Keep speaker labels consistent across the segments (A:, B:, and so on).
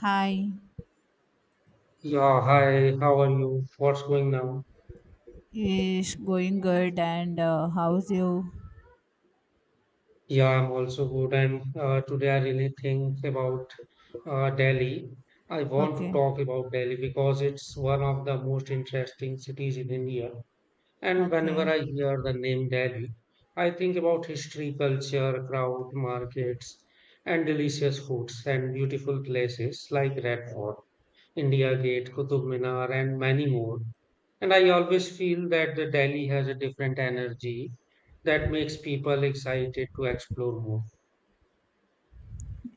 A: Hi,
B: Yeah, hi, how are you? What's going on?
A: is going good and how's you?
B: Yeah, I'm also good. And today I really think about Delhi. I want to
A: Okay,
B: talk about Delhi because it's one of the most interesting cities in India. And whenever
A: okay.
B: I hear the name Delhi, I think about history, culture, crowd, markets, and delicious foods and beautiful places like Red Fort. India Gate, Qutub Minar, and many more. And I always feel that the Delhi has a different energy that makes people excited to explore more.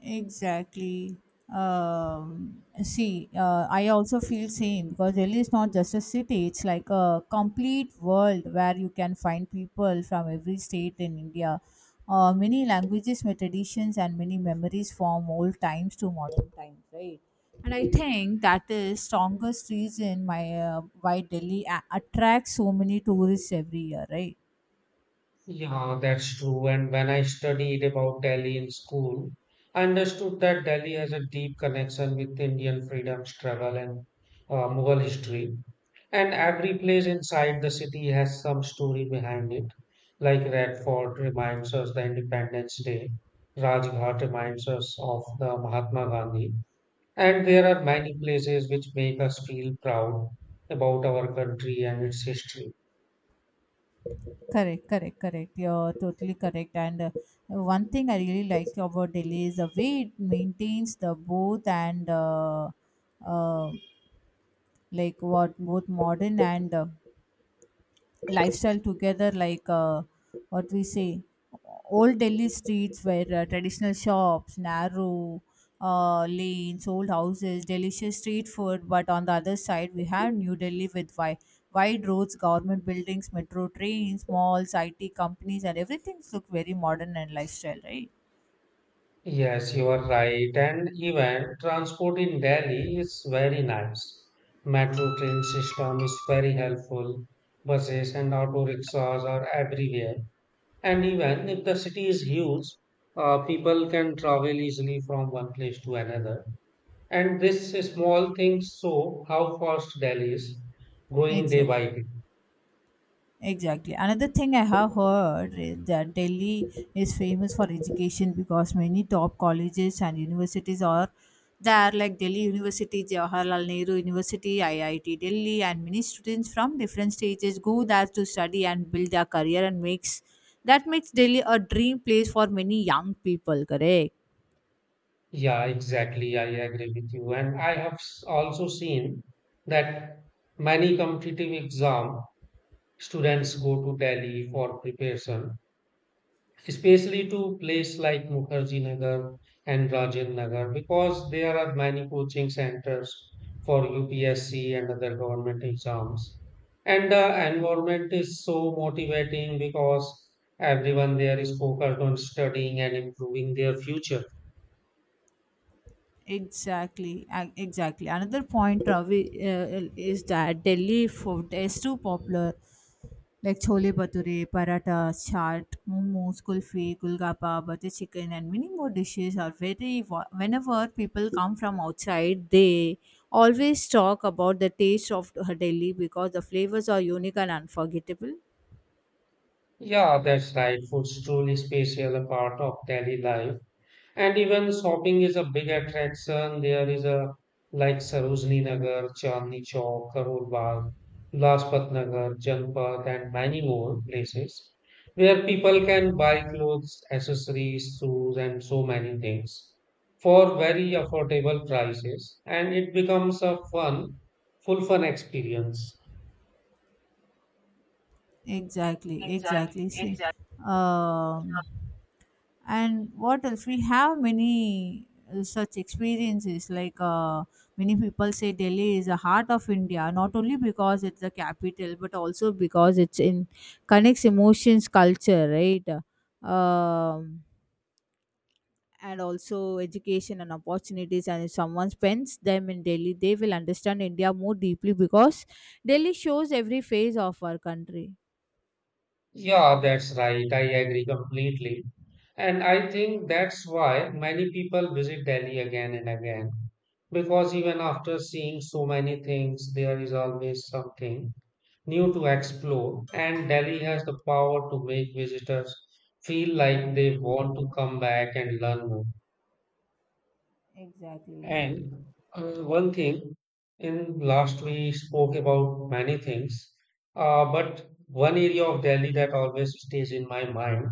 A: Exactly. I also feel same because Delhi is not just a city; it's like a complete world where you can find people from every state in India. Many languages, many traditions, and many memories from old times to modern times, right? And I think that is strongest reason my why attracts so many tourists every year, right?
B: Yeah, that's true. And when I studied about Delhi in school, I understood that Delhi has a deep connection with Indian freedom struggle and Mughal history. And every place inside the city has some story behind it. Like Red Fort reminds us the Independence Day, Rajghat reminds us of the Mahatma Gandhi. And there are many places which make us feel proud about our country and its history.
A: Correct, correct, correct. You're totally correct. And one thing I really like about Delhi is the way it maintains the both and uh, like what both modern and lifestyle together like what we say old Delhi streets were traditional shops, narrow lanes, old houses, delicious street food. But on the other side, we have new Delhi with wide, wide roads, government buildings, metro trains, malls, IT companies, and everything look very modern and lifestyle, right?
B: Yes, you are right. And even transport in Delhi is very nice. Metro train system is very helpful. Buses and auto rickshaws are everywhere. And even if the city is huge, people can travel easily from one place to another. And this small things show how fast Delhi is growing day
A: Exactly,
B: by day.
A: exactly. Another thing I have heard is that Delhi is famous for education because many top colleges and universities are there, like Delhi University, Jawaharlal Nehru University, IIT Delhi, and many students from different stages go there to study and build their career, and makes that makes Delhi a dream place for many young people. Correct.
B: Yeah, exactly. I agree with you. And I have also seen that many competitive exams Students go to Delhi for preparation, especially to places like Mukherjee Nagar and Rajen Nagar, because there are many coaching centers for UPSC and other government exams. And the environment is so motivating because everyone there is focused on studying and improving their future.
A: Exactly. Another point, Ravi, is that Delhi food is too popular. Like chole bhature, parathas, chaat, momos, kulfi, gulgappa, butter chicken, and many more dishes are Whenever people come from outside, they always talk about the taste of Delhi because the flavors are unique and unforgettable.
B: Yeah, that's right. Food's truly special a part of daily life. And even shopping is a big attraction. There is a like Sarojini Nagar, Chandni Chowk, Karol Bagh, Lajpat Nagar, Janpat, and many more places where people can buy clothes, accessories, shoes, and so many things for very affordable prices. And it becomes a fun, full fun experience.
A: Exactly, exactly. Um, and what else, we have many such experiences. Many people say Delhi is the heart of India, not only because it's the capital but also because it's in connects emotions, culture, right? um, and also education and opportunities. And if someone spends them in Delhi, they will understand India more deeply because Delhi shows every phase of our country.
B: Yeah, that's right. I agree completely. And I think that's why many people visit Delhi again and again. Because even after seeing so many things, there is always something new to explore. And Delhi has the power to make visitors feel
A: Okay,
B: like they want to come back and learn more.
A: exactly.
B: And one thing, in last we spoke about many things, but one area of Delhi that always stays in my mind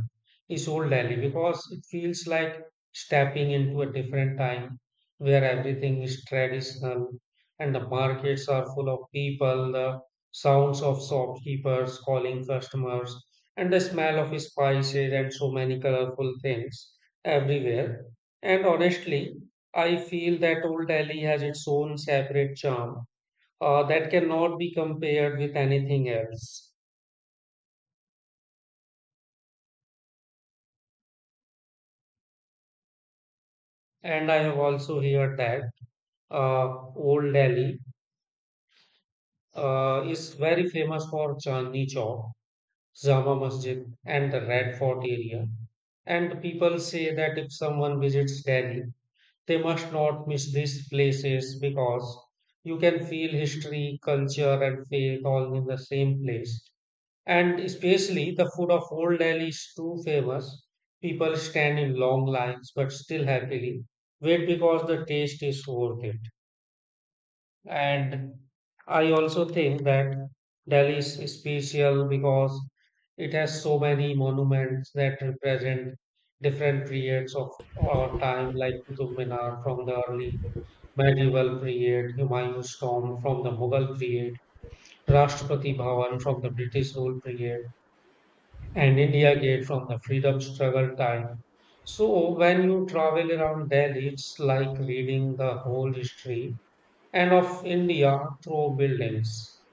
B: is old Delhi because it feels like stepping into a different time where everything is traditional and the markets are full of people, the sounds of shopkeepers calling customers, and the smell of spices and so many colorful things everywhere. And honestly, I feel that Old Delhi has its own separate charm that cannot be compared with anything else. And I have also heard that Old Delhi is very famous for Chandni Chowk, Jama Masjid, and the Red Fort area. And people say that if someone visits Delhi, they must not miss these places because you can feel history, culture, and faith all in the same place. And especially the food of Old Delhi is too famous. People stand in long lines but still happily wait because the taste is worth it. And I also think that Delhi is special because it has so many monuments that represent different periods of our time, like Qutub Minar from the early medieval period, Humayun's tomb from the Mughal period, Rashtrapati Bhavan from the British rule period and India Gate from the freedom struggle time. So when you travel around Delhi, it's like reading the whole history and of India through buildings.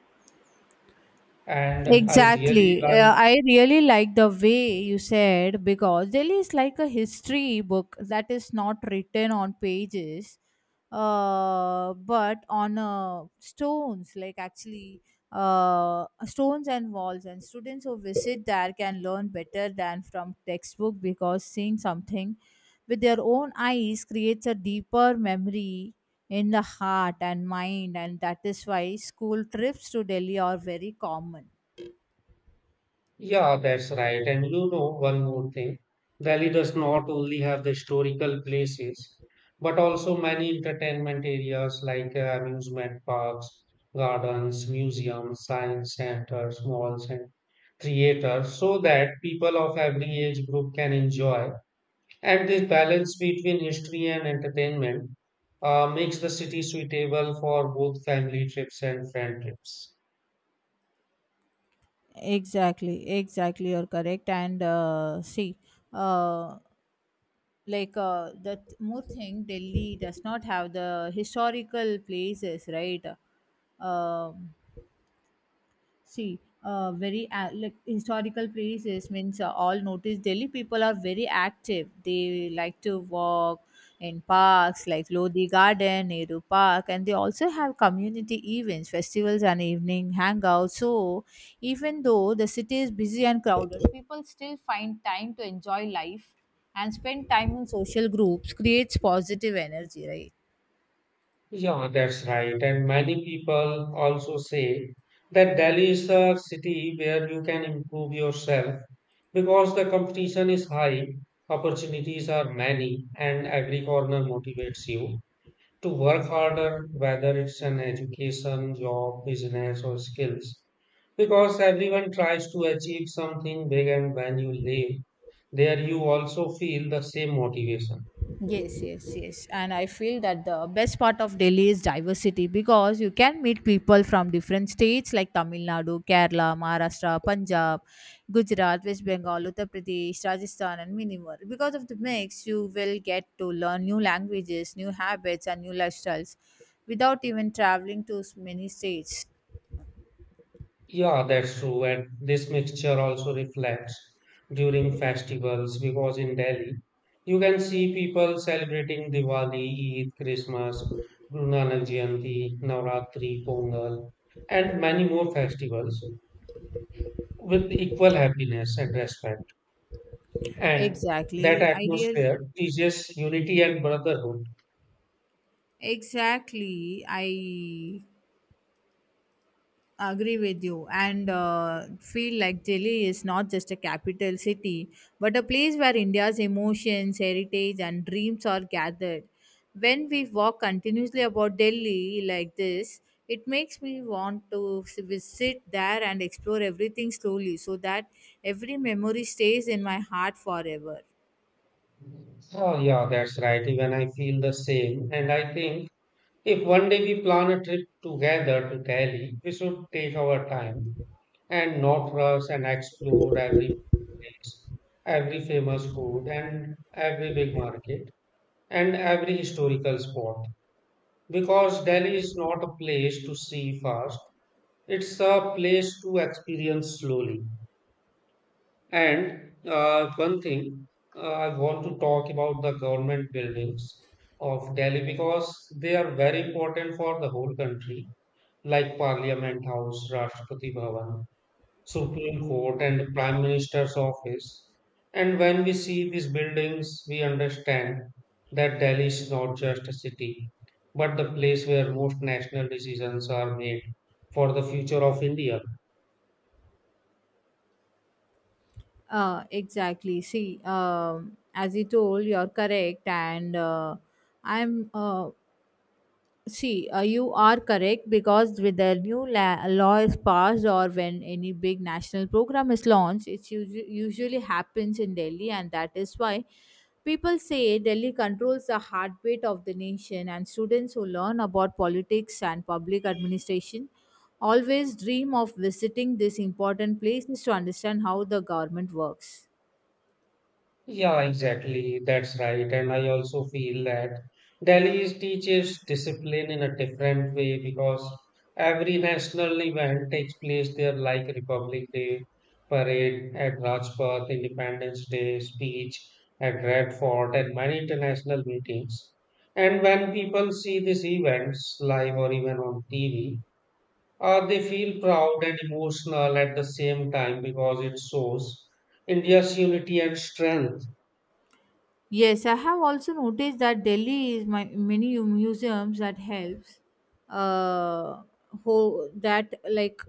B: And I really
A: Exactly.
B: like,
A: I really like the way you said, because Delhi is like a history book that is not written on pages, but on stones. Like, actually, stones and walls. And students who visit there can learn better than from textbook because seeing something with their own eyes creates a deeper memory in the heart and mind. And that is why school trips to Delhi are very common.
B: yeah, that's right. And you know, one more thing, Delhi does not only have the historical places, but also many entertainment areas like amusement parks, gardens, museums, science centers, malls, and creator so that people of every age group can enjoy. And this balance between history and entertainment makes the city suitable for both family trips and friend trips.
A: Exactly, exactly, you're correct. And uh, see uh, like uh, the th- more thing, Delhi does not have the historical places, right? Um like, historical places means, all notice Delhi people are very active. They like to walk in parks like Lodi Garden, Nehru Park, and they also have community events, festivals, and evening hangouts. So, even though the city is busy and crowded, people still find time to enjoy life and spend time in social groups. Creates positive energy, right?
B: Yeah, that's right. And many people also say that Delhi is a city where you can improve yourself because the competition is high, opportunities are many, and every corner motivates you. To work harder, whether it's an education, job, business, or skills. Because everyone tries to achieve something big, and when you live there, you also feel the same motivation.
A: Yes, yes, yes. And I feel that the best part of Delhi is diversity because you can meet people from different states like Tamil Nadu, Kerala, Maharashtra, Punjab, Gujarat, West Bengal, Uttar Pradesh, Rajasthan, and many more. Because of the mix, you will get to learn new languages, new habits, and new lifestyles without even traveling to many states.
B: Yeah, that's true. And this mixture also reflects during festivals because in Delhi, you can see people celebrating Diwali, Eid, Christmas, Guru Nanak Jayanti, Navratri, Pongal, and many more festivals. With equal happiness and respect. And that
A: Exactly. Ideal.
B: atmosphere teaches unity and brotherhood.
A: Exactly. I agree with you, and feel like Delhi is not just a capital city, but a place where India's emotions, heritage, and dreams are gathered. When we walk continuously about Delhi like this, it makes me want to visit there and explore everything slowly so that every memory stays in my heart forever.
B: Oh, yeah, that's right. Even I feel the same. And I think if one day we plan a trip together to Delhi, we should take our time and not rush and explore every place, every famous food, and every big market, and every historical spot. Because Delhi is not a place to see fast. It's a place to experience slowly. And one thing, I want to talk about the government buildings of Delhi because they are very important for the whole country, like Parliament House, Rashtrapati Bhavan, Supreme Court, and Prime Minister's Office. And when we see these buildings, we understand that Delhi is not just a city, but the place where most national decisions are made for the future of India.
A: Exactly. As you told, you're correct, and I'm uh, you are correct. Because with the new law is passed or when any big national program is launched, it usually happens in Delhi, and that is why people say Delhi controls the heartbeat of the nation. And students who learn about politics and public administration always dream of visiting these important places to understand how the government works.
B: Yeah, exactly. That's right. And I also feel that Delhi teaches discipline in a different way because every national event takes place there, like Republic Day parade at Rajpath, Independence Day speech at Red Fort, and many international meetings. And when people see these events live or even on TV, they feel proud and emotional at the same time because it shows India's unity and strength.
A: Yes, I have also noticed that Delhi is my many museums that helps. Uh, that, like,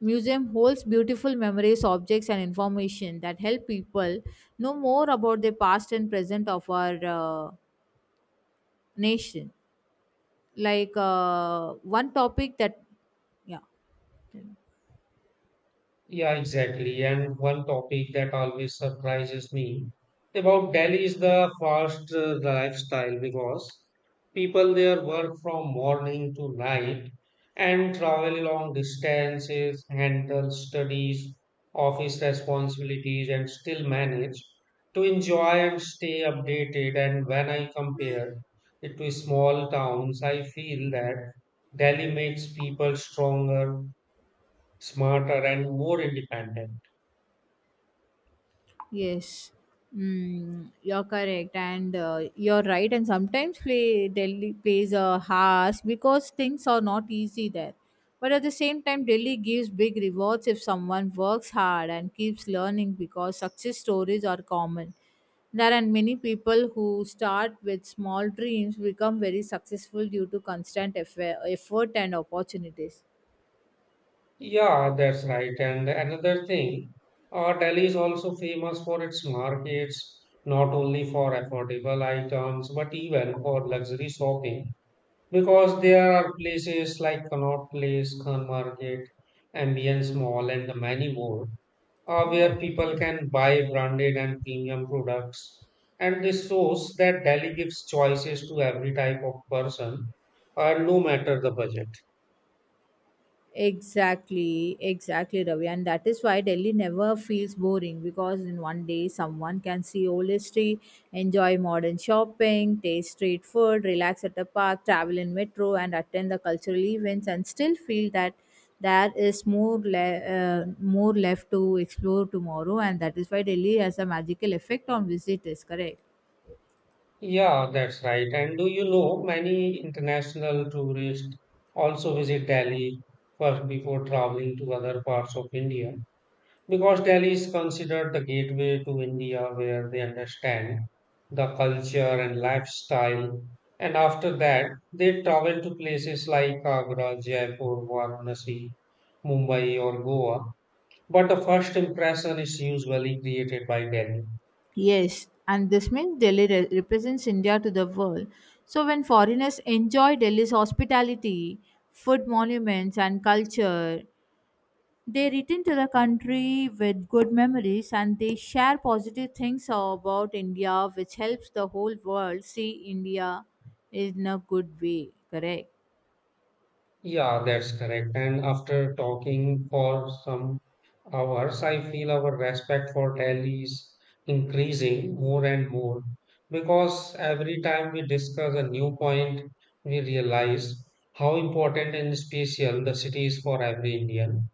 A: museum holds beautiful memories, objects, and information that help people know more about the past and present of our nation. One topic that, yeah.
B: Yeah, exactly. And one topic that always surprises me about Delhi is the fast lifestyle because people there work from morning to night and travel long distances, handle studies, office responsibilities, and still manage to enjoy and stay updated. And when I compare it to small towns, I feel that Delhi makes people stronger smarter and more independent.
A: Yes, you're correct, and you're right. And sometimes play Delhi plays a harsh because things are not easy there. But at the same time, Delhi gives big rewards if someone works hard and keeps learning, because success stories are common. There are many people who start with small dreams, become very successful due to constant effort and opportunities.
B: Yeah, that's right. And another thing, Delhi is also famous for its markets, not only for affordable items, but even for luxury shopping. Because there are places like Connaught Place, Khan Market, Ambience Mall, and many more, where people can buy branded and premium products. And this shows that Delhi gives choices to every type of person, no matter the budget.
A: Exactly, exactly, Ravi. And that is why Delhi never feels boring, because in one day someone can see old history, enjoy modern shopping, taste street food, relax at a park, travel in metro, and attend the cultural events, and still feel that there is more left to explore tomorrow. And that is why Delhi has a magical effect on visitors. Correct.
B: Yeah, that's right. And do you know many international tourists also visit Delhi first before traveling to other parts of India? Because Delhi is considered the gateway to India where they understand the culture and lifestyle. And after that, they travel to places like Agra, Jaipur, Varanasi, Mumbai, or Goa. But the first impression is usually created by Delhi.
A: Yes, and this means Delhi represents India to the world. So when foreigners enjoy Delhi's hospitality, food, monuments, and culture, they return to the country with good memories and they share positive things about India, which helps the whole world see India in a good way. Correct.
B: Yeah, that's correct. And after talking for some hours, I feel our respect for Delhi is increasing more and more because every time we discuss a new point, we realize how important and special the city is for every Indian.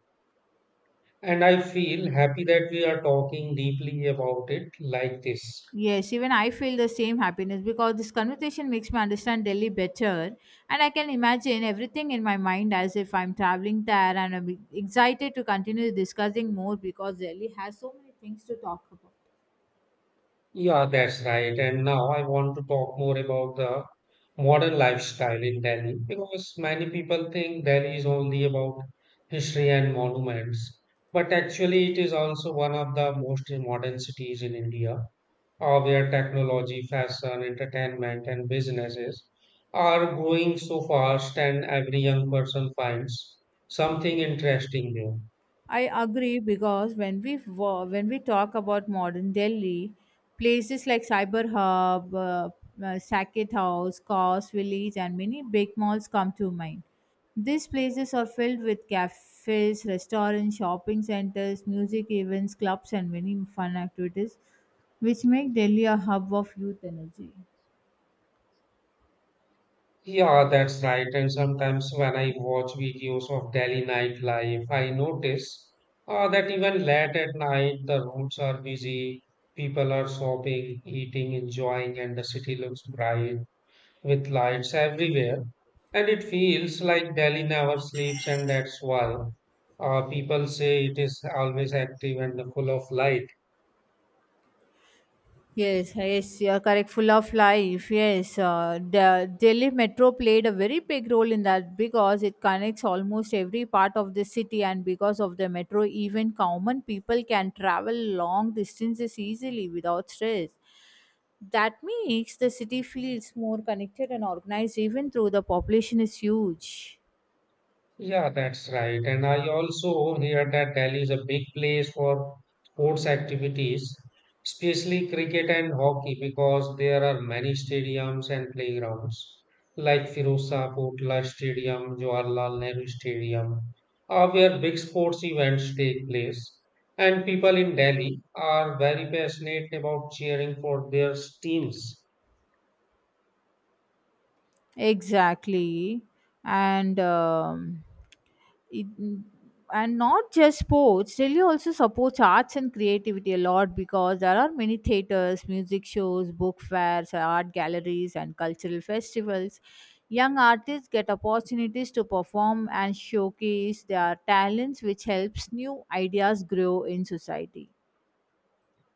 B: And I feel happy that we are talking deeply about it like this.
A: Yes, even I feel the same happiness because this conversation makes me understand Delhi better, and I can imagine everything in my mind as if I'm traveling there, and I'm excited to continue discussing more because Delhi has so many things to talk about.
B: Yeah, that's right. And now I want to talk more about the modern lifestyle in Delhi because many people think Delhi is only about history and monuments, but actually, it is also one of the most modern cities in India, where technology, fashion, entertainment, and businesses are growing so fast, and every young person finds something interesting there.
A: I agree because when we talk about modern Delhi, places like Cyber Hub, Saket House, Cos Village, and many big malls come to mind. These places are filled with cafes, restaurants, shopping centers, music events, clubs, and many fun activities, which make Delhi a hub of youth energy.
B: Yeah, that's right. And sometimes when I watch videos of Delhi nightlife, I notice that even late at night, the roads are busy, people are shopping, eating, enjoying, and the city looks bright with lights everywhere. And it feels like Delhi never sleeps, and that's why people say it is always active and full of life.
A: Yes, yes, you are correct. Full of life. Yes, the Delhi Metro played a very big role in that because it connects almost every part of the city, and because of the metro, even common people can travel long distances easily without stress. That makes the city feels more connected and organized, even though the population is huge.
B: Yeah, that's right. And I also hear that Delhi is a big place for sports activities, especially cricket and hockey, because there are many stadiums and playgrounds like Firoza Kotla Stadium, Jawaharlal Nehru Stadium, where big sports events take place. And people in Delhi are very passionate about cheering for their teams.
A: Exactly. And um, it, and not just sports, Delhi also supports arts and creativity a lot, because there are many theaters, music shows, book fairs, art galleries, and cultural festivals. Young artists get opportunities to perform and showcase their talents, which helps new ideas grow in society.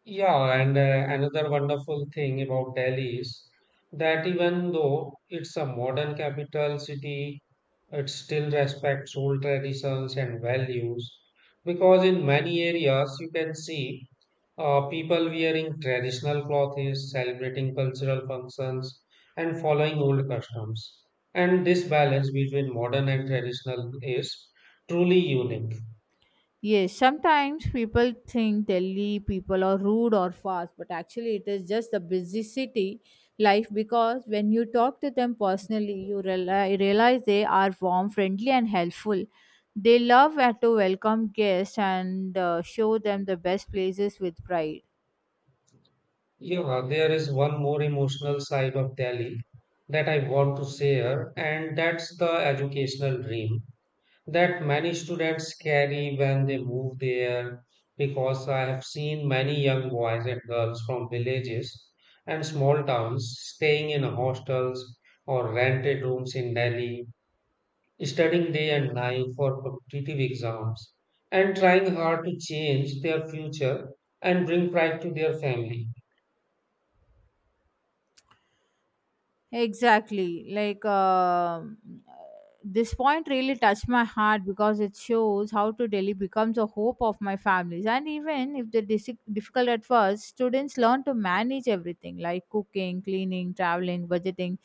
B: Yeah, and another wonderful thing about Delhi is that even though it's a modern capital city, it still respects old traditions and values. Because in many areas, you can see people wearing traditional clothes, celebrating cultural functions, and following old customs. And this balance between modern and traditional is truly unique.
A: Yes, sometimes people think Delhi people are rude or fast, but actually it is just the busy city life, because when you talk to them personally, you realize they are warm, friendly, and helpful. They love to welcome guests and show them the best places with pride.
B: Yeah, there is one more emotional side of Delhi that I want to share, and that's the educational dream that many students carry when they move there. Because I have seen many young boys and girls from villages and small towns staying in hostels or rented rooms in Delhi, studying day and night for competitive exams, and trying hard to change their future and bring pride to their family.
A: Exactly. This point really touched my heart because it shows how Delhi becomes a hope of my families. And even if difficult at first, students learn to manage everything, like cooking, cleaning, traveling, budgeting.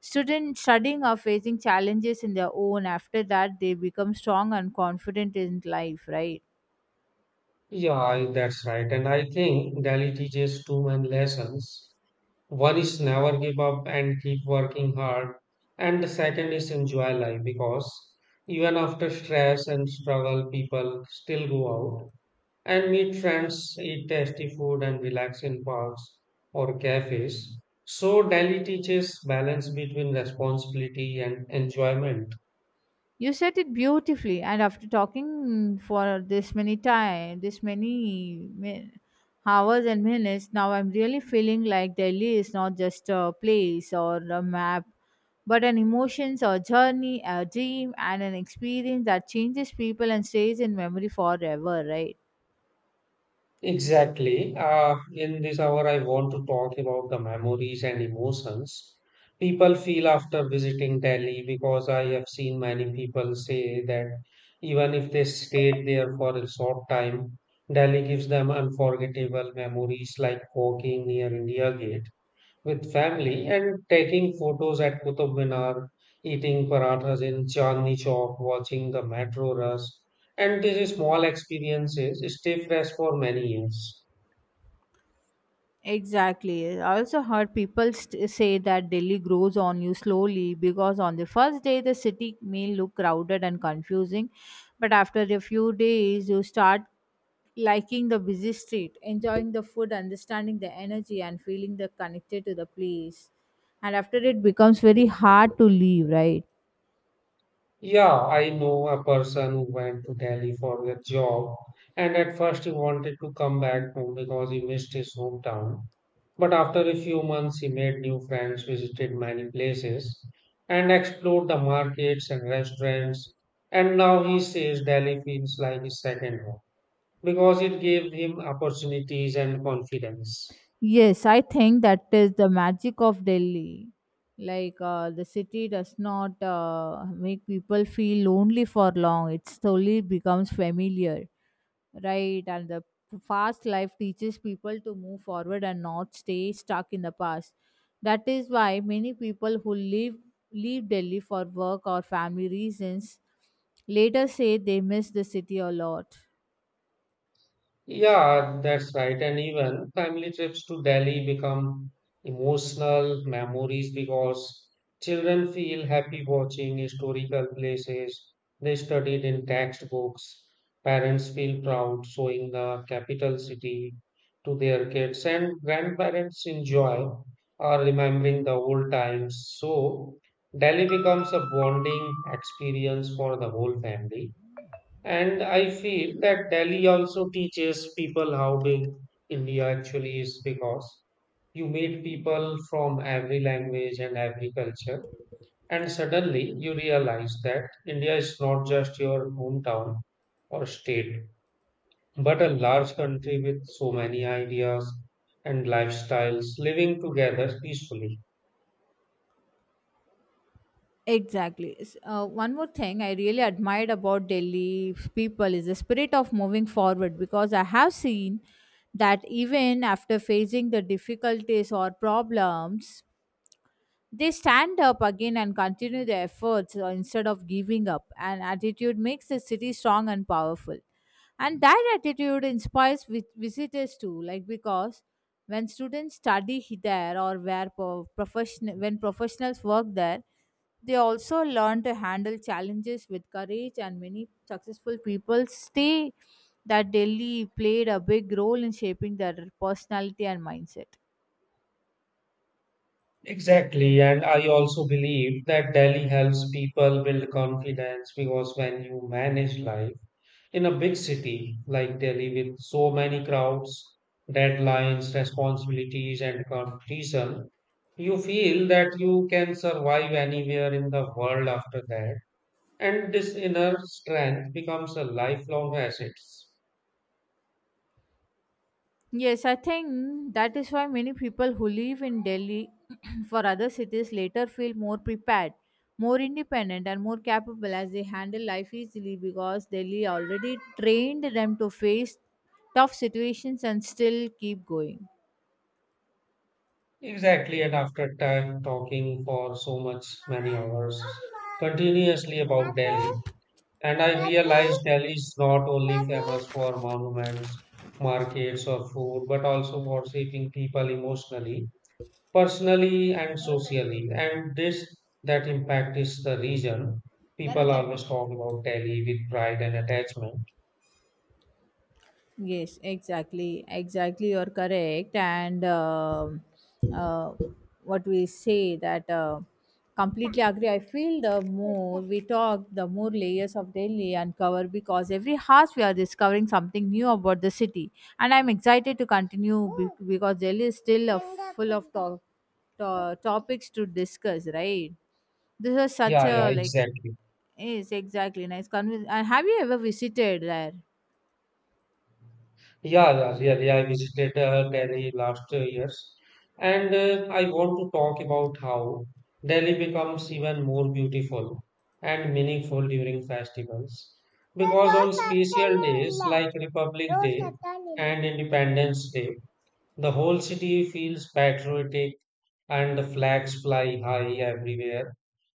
A: Students studying are facing challenges in their own. After that, they become strong and confident in life, right?
B: Yeah, that's right. And I think Delhi teaches two main lessons. One is never give up and keep working hard. And the second is enjoy life because even after stress and struggle, people still go out and meet friends, eat tasty food, and relax in parks or cafes. So, Delhi teaches balance between responsibility and enjoyment.
A: You said it beautifully, and after talking for this many time, hours and minutes, now I'm really feeling like Delhi is not just a place or a map, but an emotions or journey, a dream, and an experience that changes people and stays in memory forever, right?
B: Exactly. In this hour, I want to talk about the memories and emotions people feel after visiting Delhi because I have seen many people say that even if they stayed there for a short time, Delhi gives them unforgettable memories like walking near India Gate with family and taking photos at Qutub Minar, eating parathas in Chandni Chowk, watching the metro rush. And these small experiences stay fresh for many years.
A: Exactly. I also heard people say that Delhi grows on you slowly, because on the first day the city may look crowded and confusing, but after a few days you start liking the busy street, enjoying the food, understanding the energy, and feeling the connected to the place. And after it becomes very hard to leave, right?
B: Yeah, I know a person who went to Delhi for their job, and at first he wanted to come back home because he missed his hometown. But after a few months, he made new friends, visited many places, and explored the markets and restaurants. And now he says Delhi feels like his second home because it gave him opportunities and confidence.
A: Yes, I think that is the magic of Delhi. The city does not make people feel lonely for long. It slowly becomes familiar, right? And the fast life teaches people to move forward and not stay stuck in the past. That is why many people who leave Delhi for work or family reasons later say they miss the city a lot.
B: Yeah, that's right. And even family trips to Delhi become emotional memories because children feel happy watching historical places they studied in textbooks. Parents feel proud showing the capital city to their kids, and grandparents enjoy or remembering the old times. So, Delhi becomes a bonding experience for the whole family. And I feel that Delhi also teaches people how big India actually is because you meet people from every language and every culture, and suddenly you realize that India is not just your hometown or state, but a large country with so many ideas and lifestyles living together peacefully.
A: Exactly. One more thing I really admired about Delhi people is the spirit of moving forward, because I have seen that even after facing the difficulties or problems, they stand up again and continue their efforts instead of giving up. And attitude makes the city strong and powerful, and that attitude inspires visitors too. Like, because when students study there, or where pro- profession when professionals work there, they also learn to handle challenges with courage, and many successful people say that Delhi played a big role in shaping their personality and mindset.
B: Exactly, and I also believe that Delhi helps people build confidence because when you manage life, in a big city like Delhi, with so many crowds, deadlines, responsibilities, and competition, you feel that you can survive anywhere in the world after that. And this inner strength becomes a lifelong asset.
A: Yes, I think that is why many people who live in Delhi for other cities later feel more prepared, more independent, and more capable, as they handle life easily because Delhi already trained them to face tough situations and still keep going.
B: Exactly, and after time talking for so much many hours continuously about Delhi, and I realized Delhi is not only famous for monuments, markets, or food, but also for shaping people emotionally, personally, and socially. And this that impact is the reason people always talk about Delhi with pride and attachment.
A: Yes, exactly, exactly. You're correct, and uh, what we say that completely agree. I feel the more we talk, the more layers of Delhi uncover, because every house we are discovering something new about the city, and I'm excited to continue because Delhi is still full of talk topics to discuss, right? This is such
B: Yeah, yeah,
A: a like.
B: exactly.
A: Yes, exactly, nice and have you ever visited there?
B: Yeah, yeah, I visited Delhi last years, and I want to talk about how Delhi becomes even more beautiful and meaningful during festivals. Because on special days like Republic Day and Independence Day, the whole city feels patriotic and the flags fly high everywhere.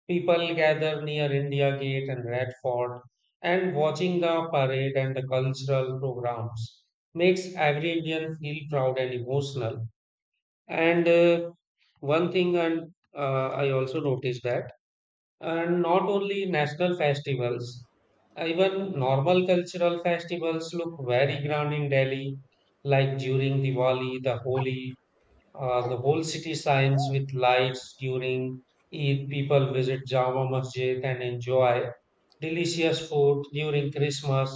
B: People gathered near India Gate and Red Fort, and watching the parade and the cultural programs makes every Indian feel proud and emotional. And one thing and I also noticed that, and not only national festivals, even normal cultural festivals look very grand in Delhi, like during Diwali, the Holi, the whole city shines with lights during Eid. People visit Jama Masjid and enjoy delicious food during Christmas.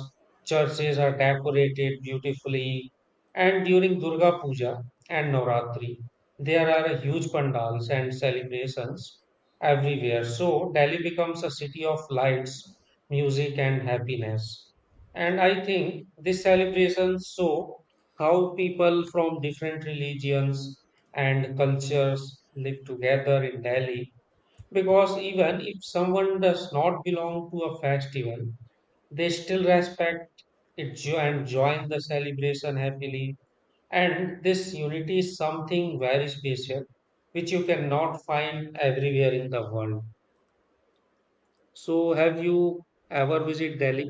B: Churches are decorated beautifully, and during Durga Puja and Navratri, there are huge pandals and celebrations everywhere. So Delhi becomes a city of lights, music, and happiness. And I think these celebrations show how people from different religions and cultures live together in Delhi because even if someone does not belong to a festival, they still respect it and join the celebration happily. And this unity is something very special, which you cannot find everywhere in the world. So, have you ever visited Delhi?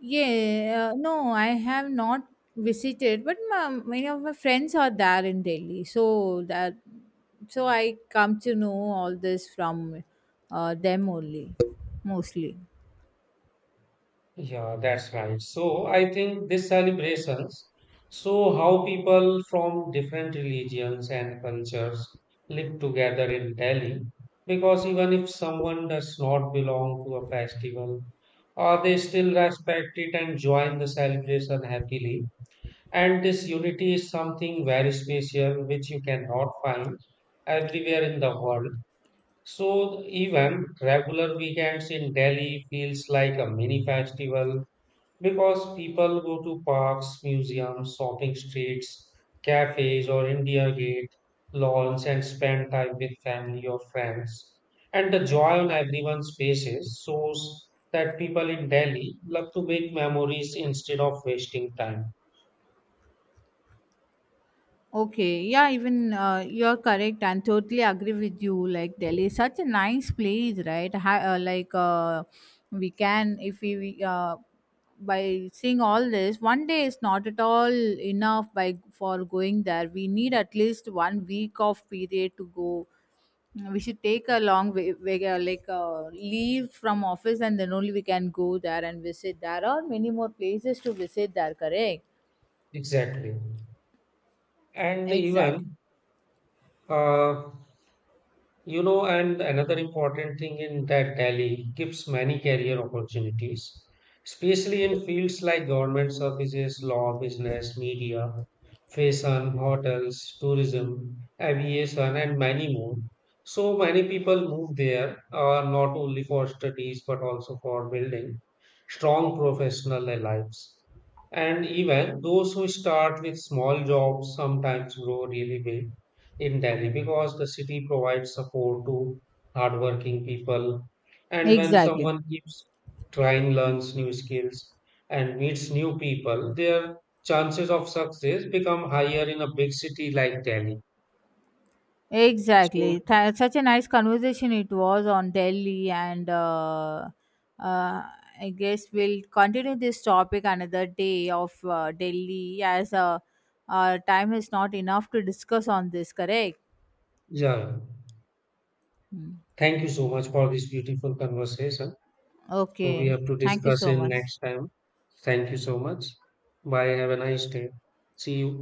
A: Yeah, no, I have not visited, but many of my friends are there in Delhi, so that, so I come to know all this from them only, mostly.
B: Yeah, that's right. So I think these celebrations show how people from different religions and cultures live together in Delhi. Because even if someone does not belong to a festival, they still respect it and join the celebration happily. And this unity is something very special, which you cannot find everywhere in the world. So even regular weekends in Delhi feels like a mini festival because people go to parks, museums, shopping streets, cafes, or India Gate lawns and spend time with family or friends. And the joy on everyone's faces shows that people in Delhi love to make memories instead of wasting time.
A: Okay, yeah, even you're correct and totally agree with you. Like, Delhi is such a nice place, right? Ha- like we can, if we we, By seeing all this, one day is not at all enough by for going there. We need at least one week of period to go. We should take a long way, leave from office, and then only we can go there and visit. There are many more places to visit there. Correct?
B: Exactly. And even
A: Exactly.
B: uh, You know, and another important thing in that Delhi gives many career opportunities, especially in fields like government services, law, business, media, fashion, hotels, tourism, aviation, and many more. So many people move there, not only for studies but also for building strong professional lives. And even those who start with small jobs sometimes grow really big in Delhi because the city provides support to hardworking people. And when
A: Exactly.
B: someone keeps trying, learns new skills, and meets new people, their chances of success become higher in a big city like Delhi. So,
A: Exactly. Such a nice conversation it was on Delhi, and uh, I guess we'll continue this topic another day of Delhi, as time is not enough to discuss on this, correct?
B: yeah,
A: Mm.
B: thank you so much for this beautiful conversation. So, we
A: Okay.
B: have to
A: Thank you
B: discuss
A: so
B: in
A: much.
B: next time. Thank you so much. Bye. Have a nice day. See you.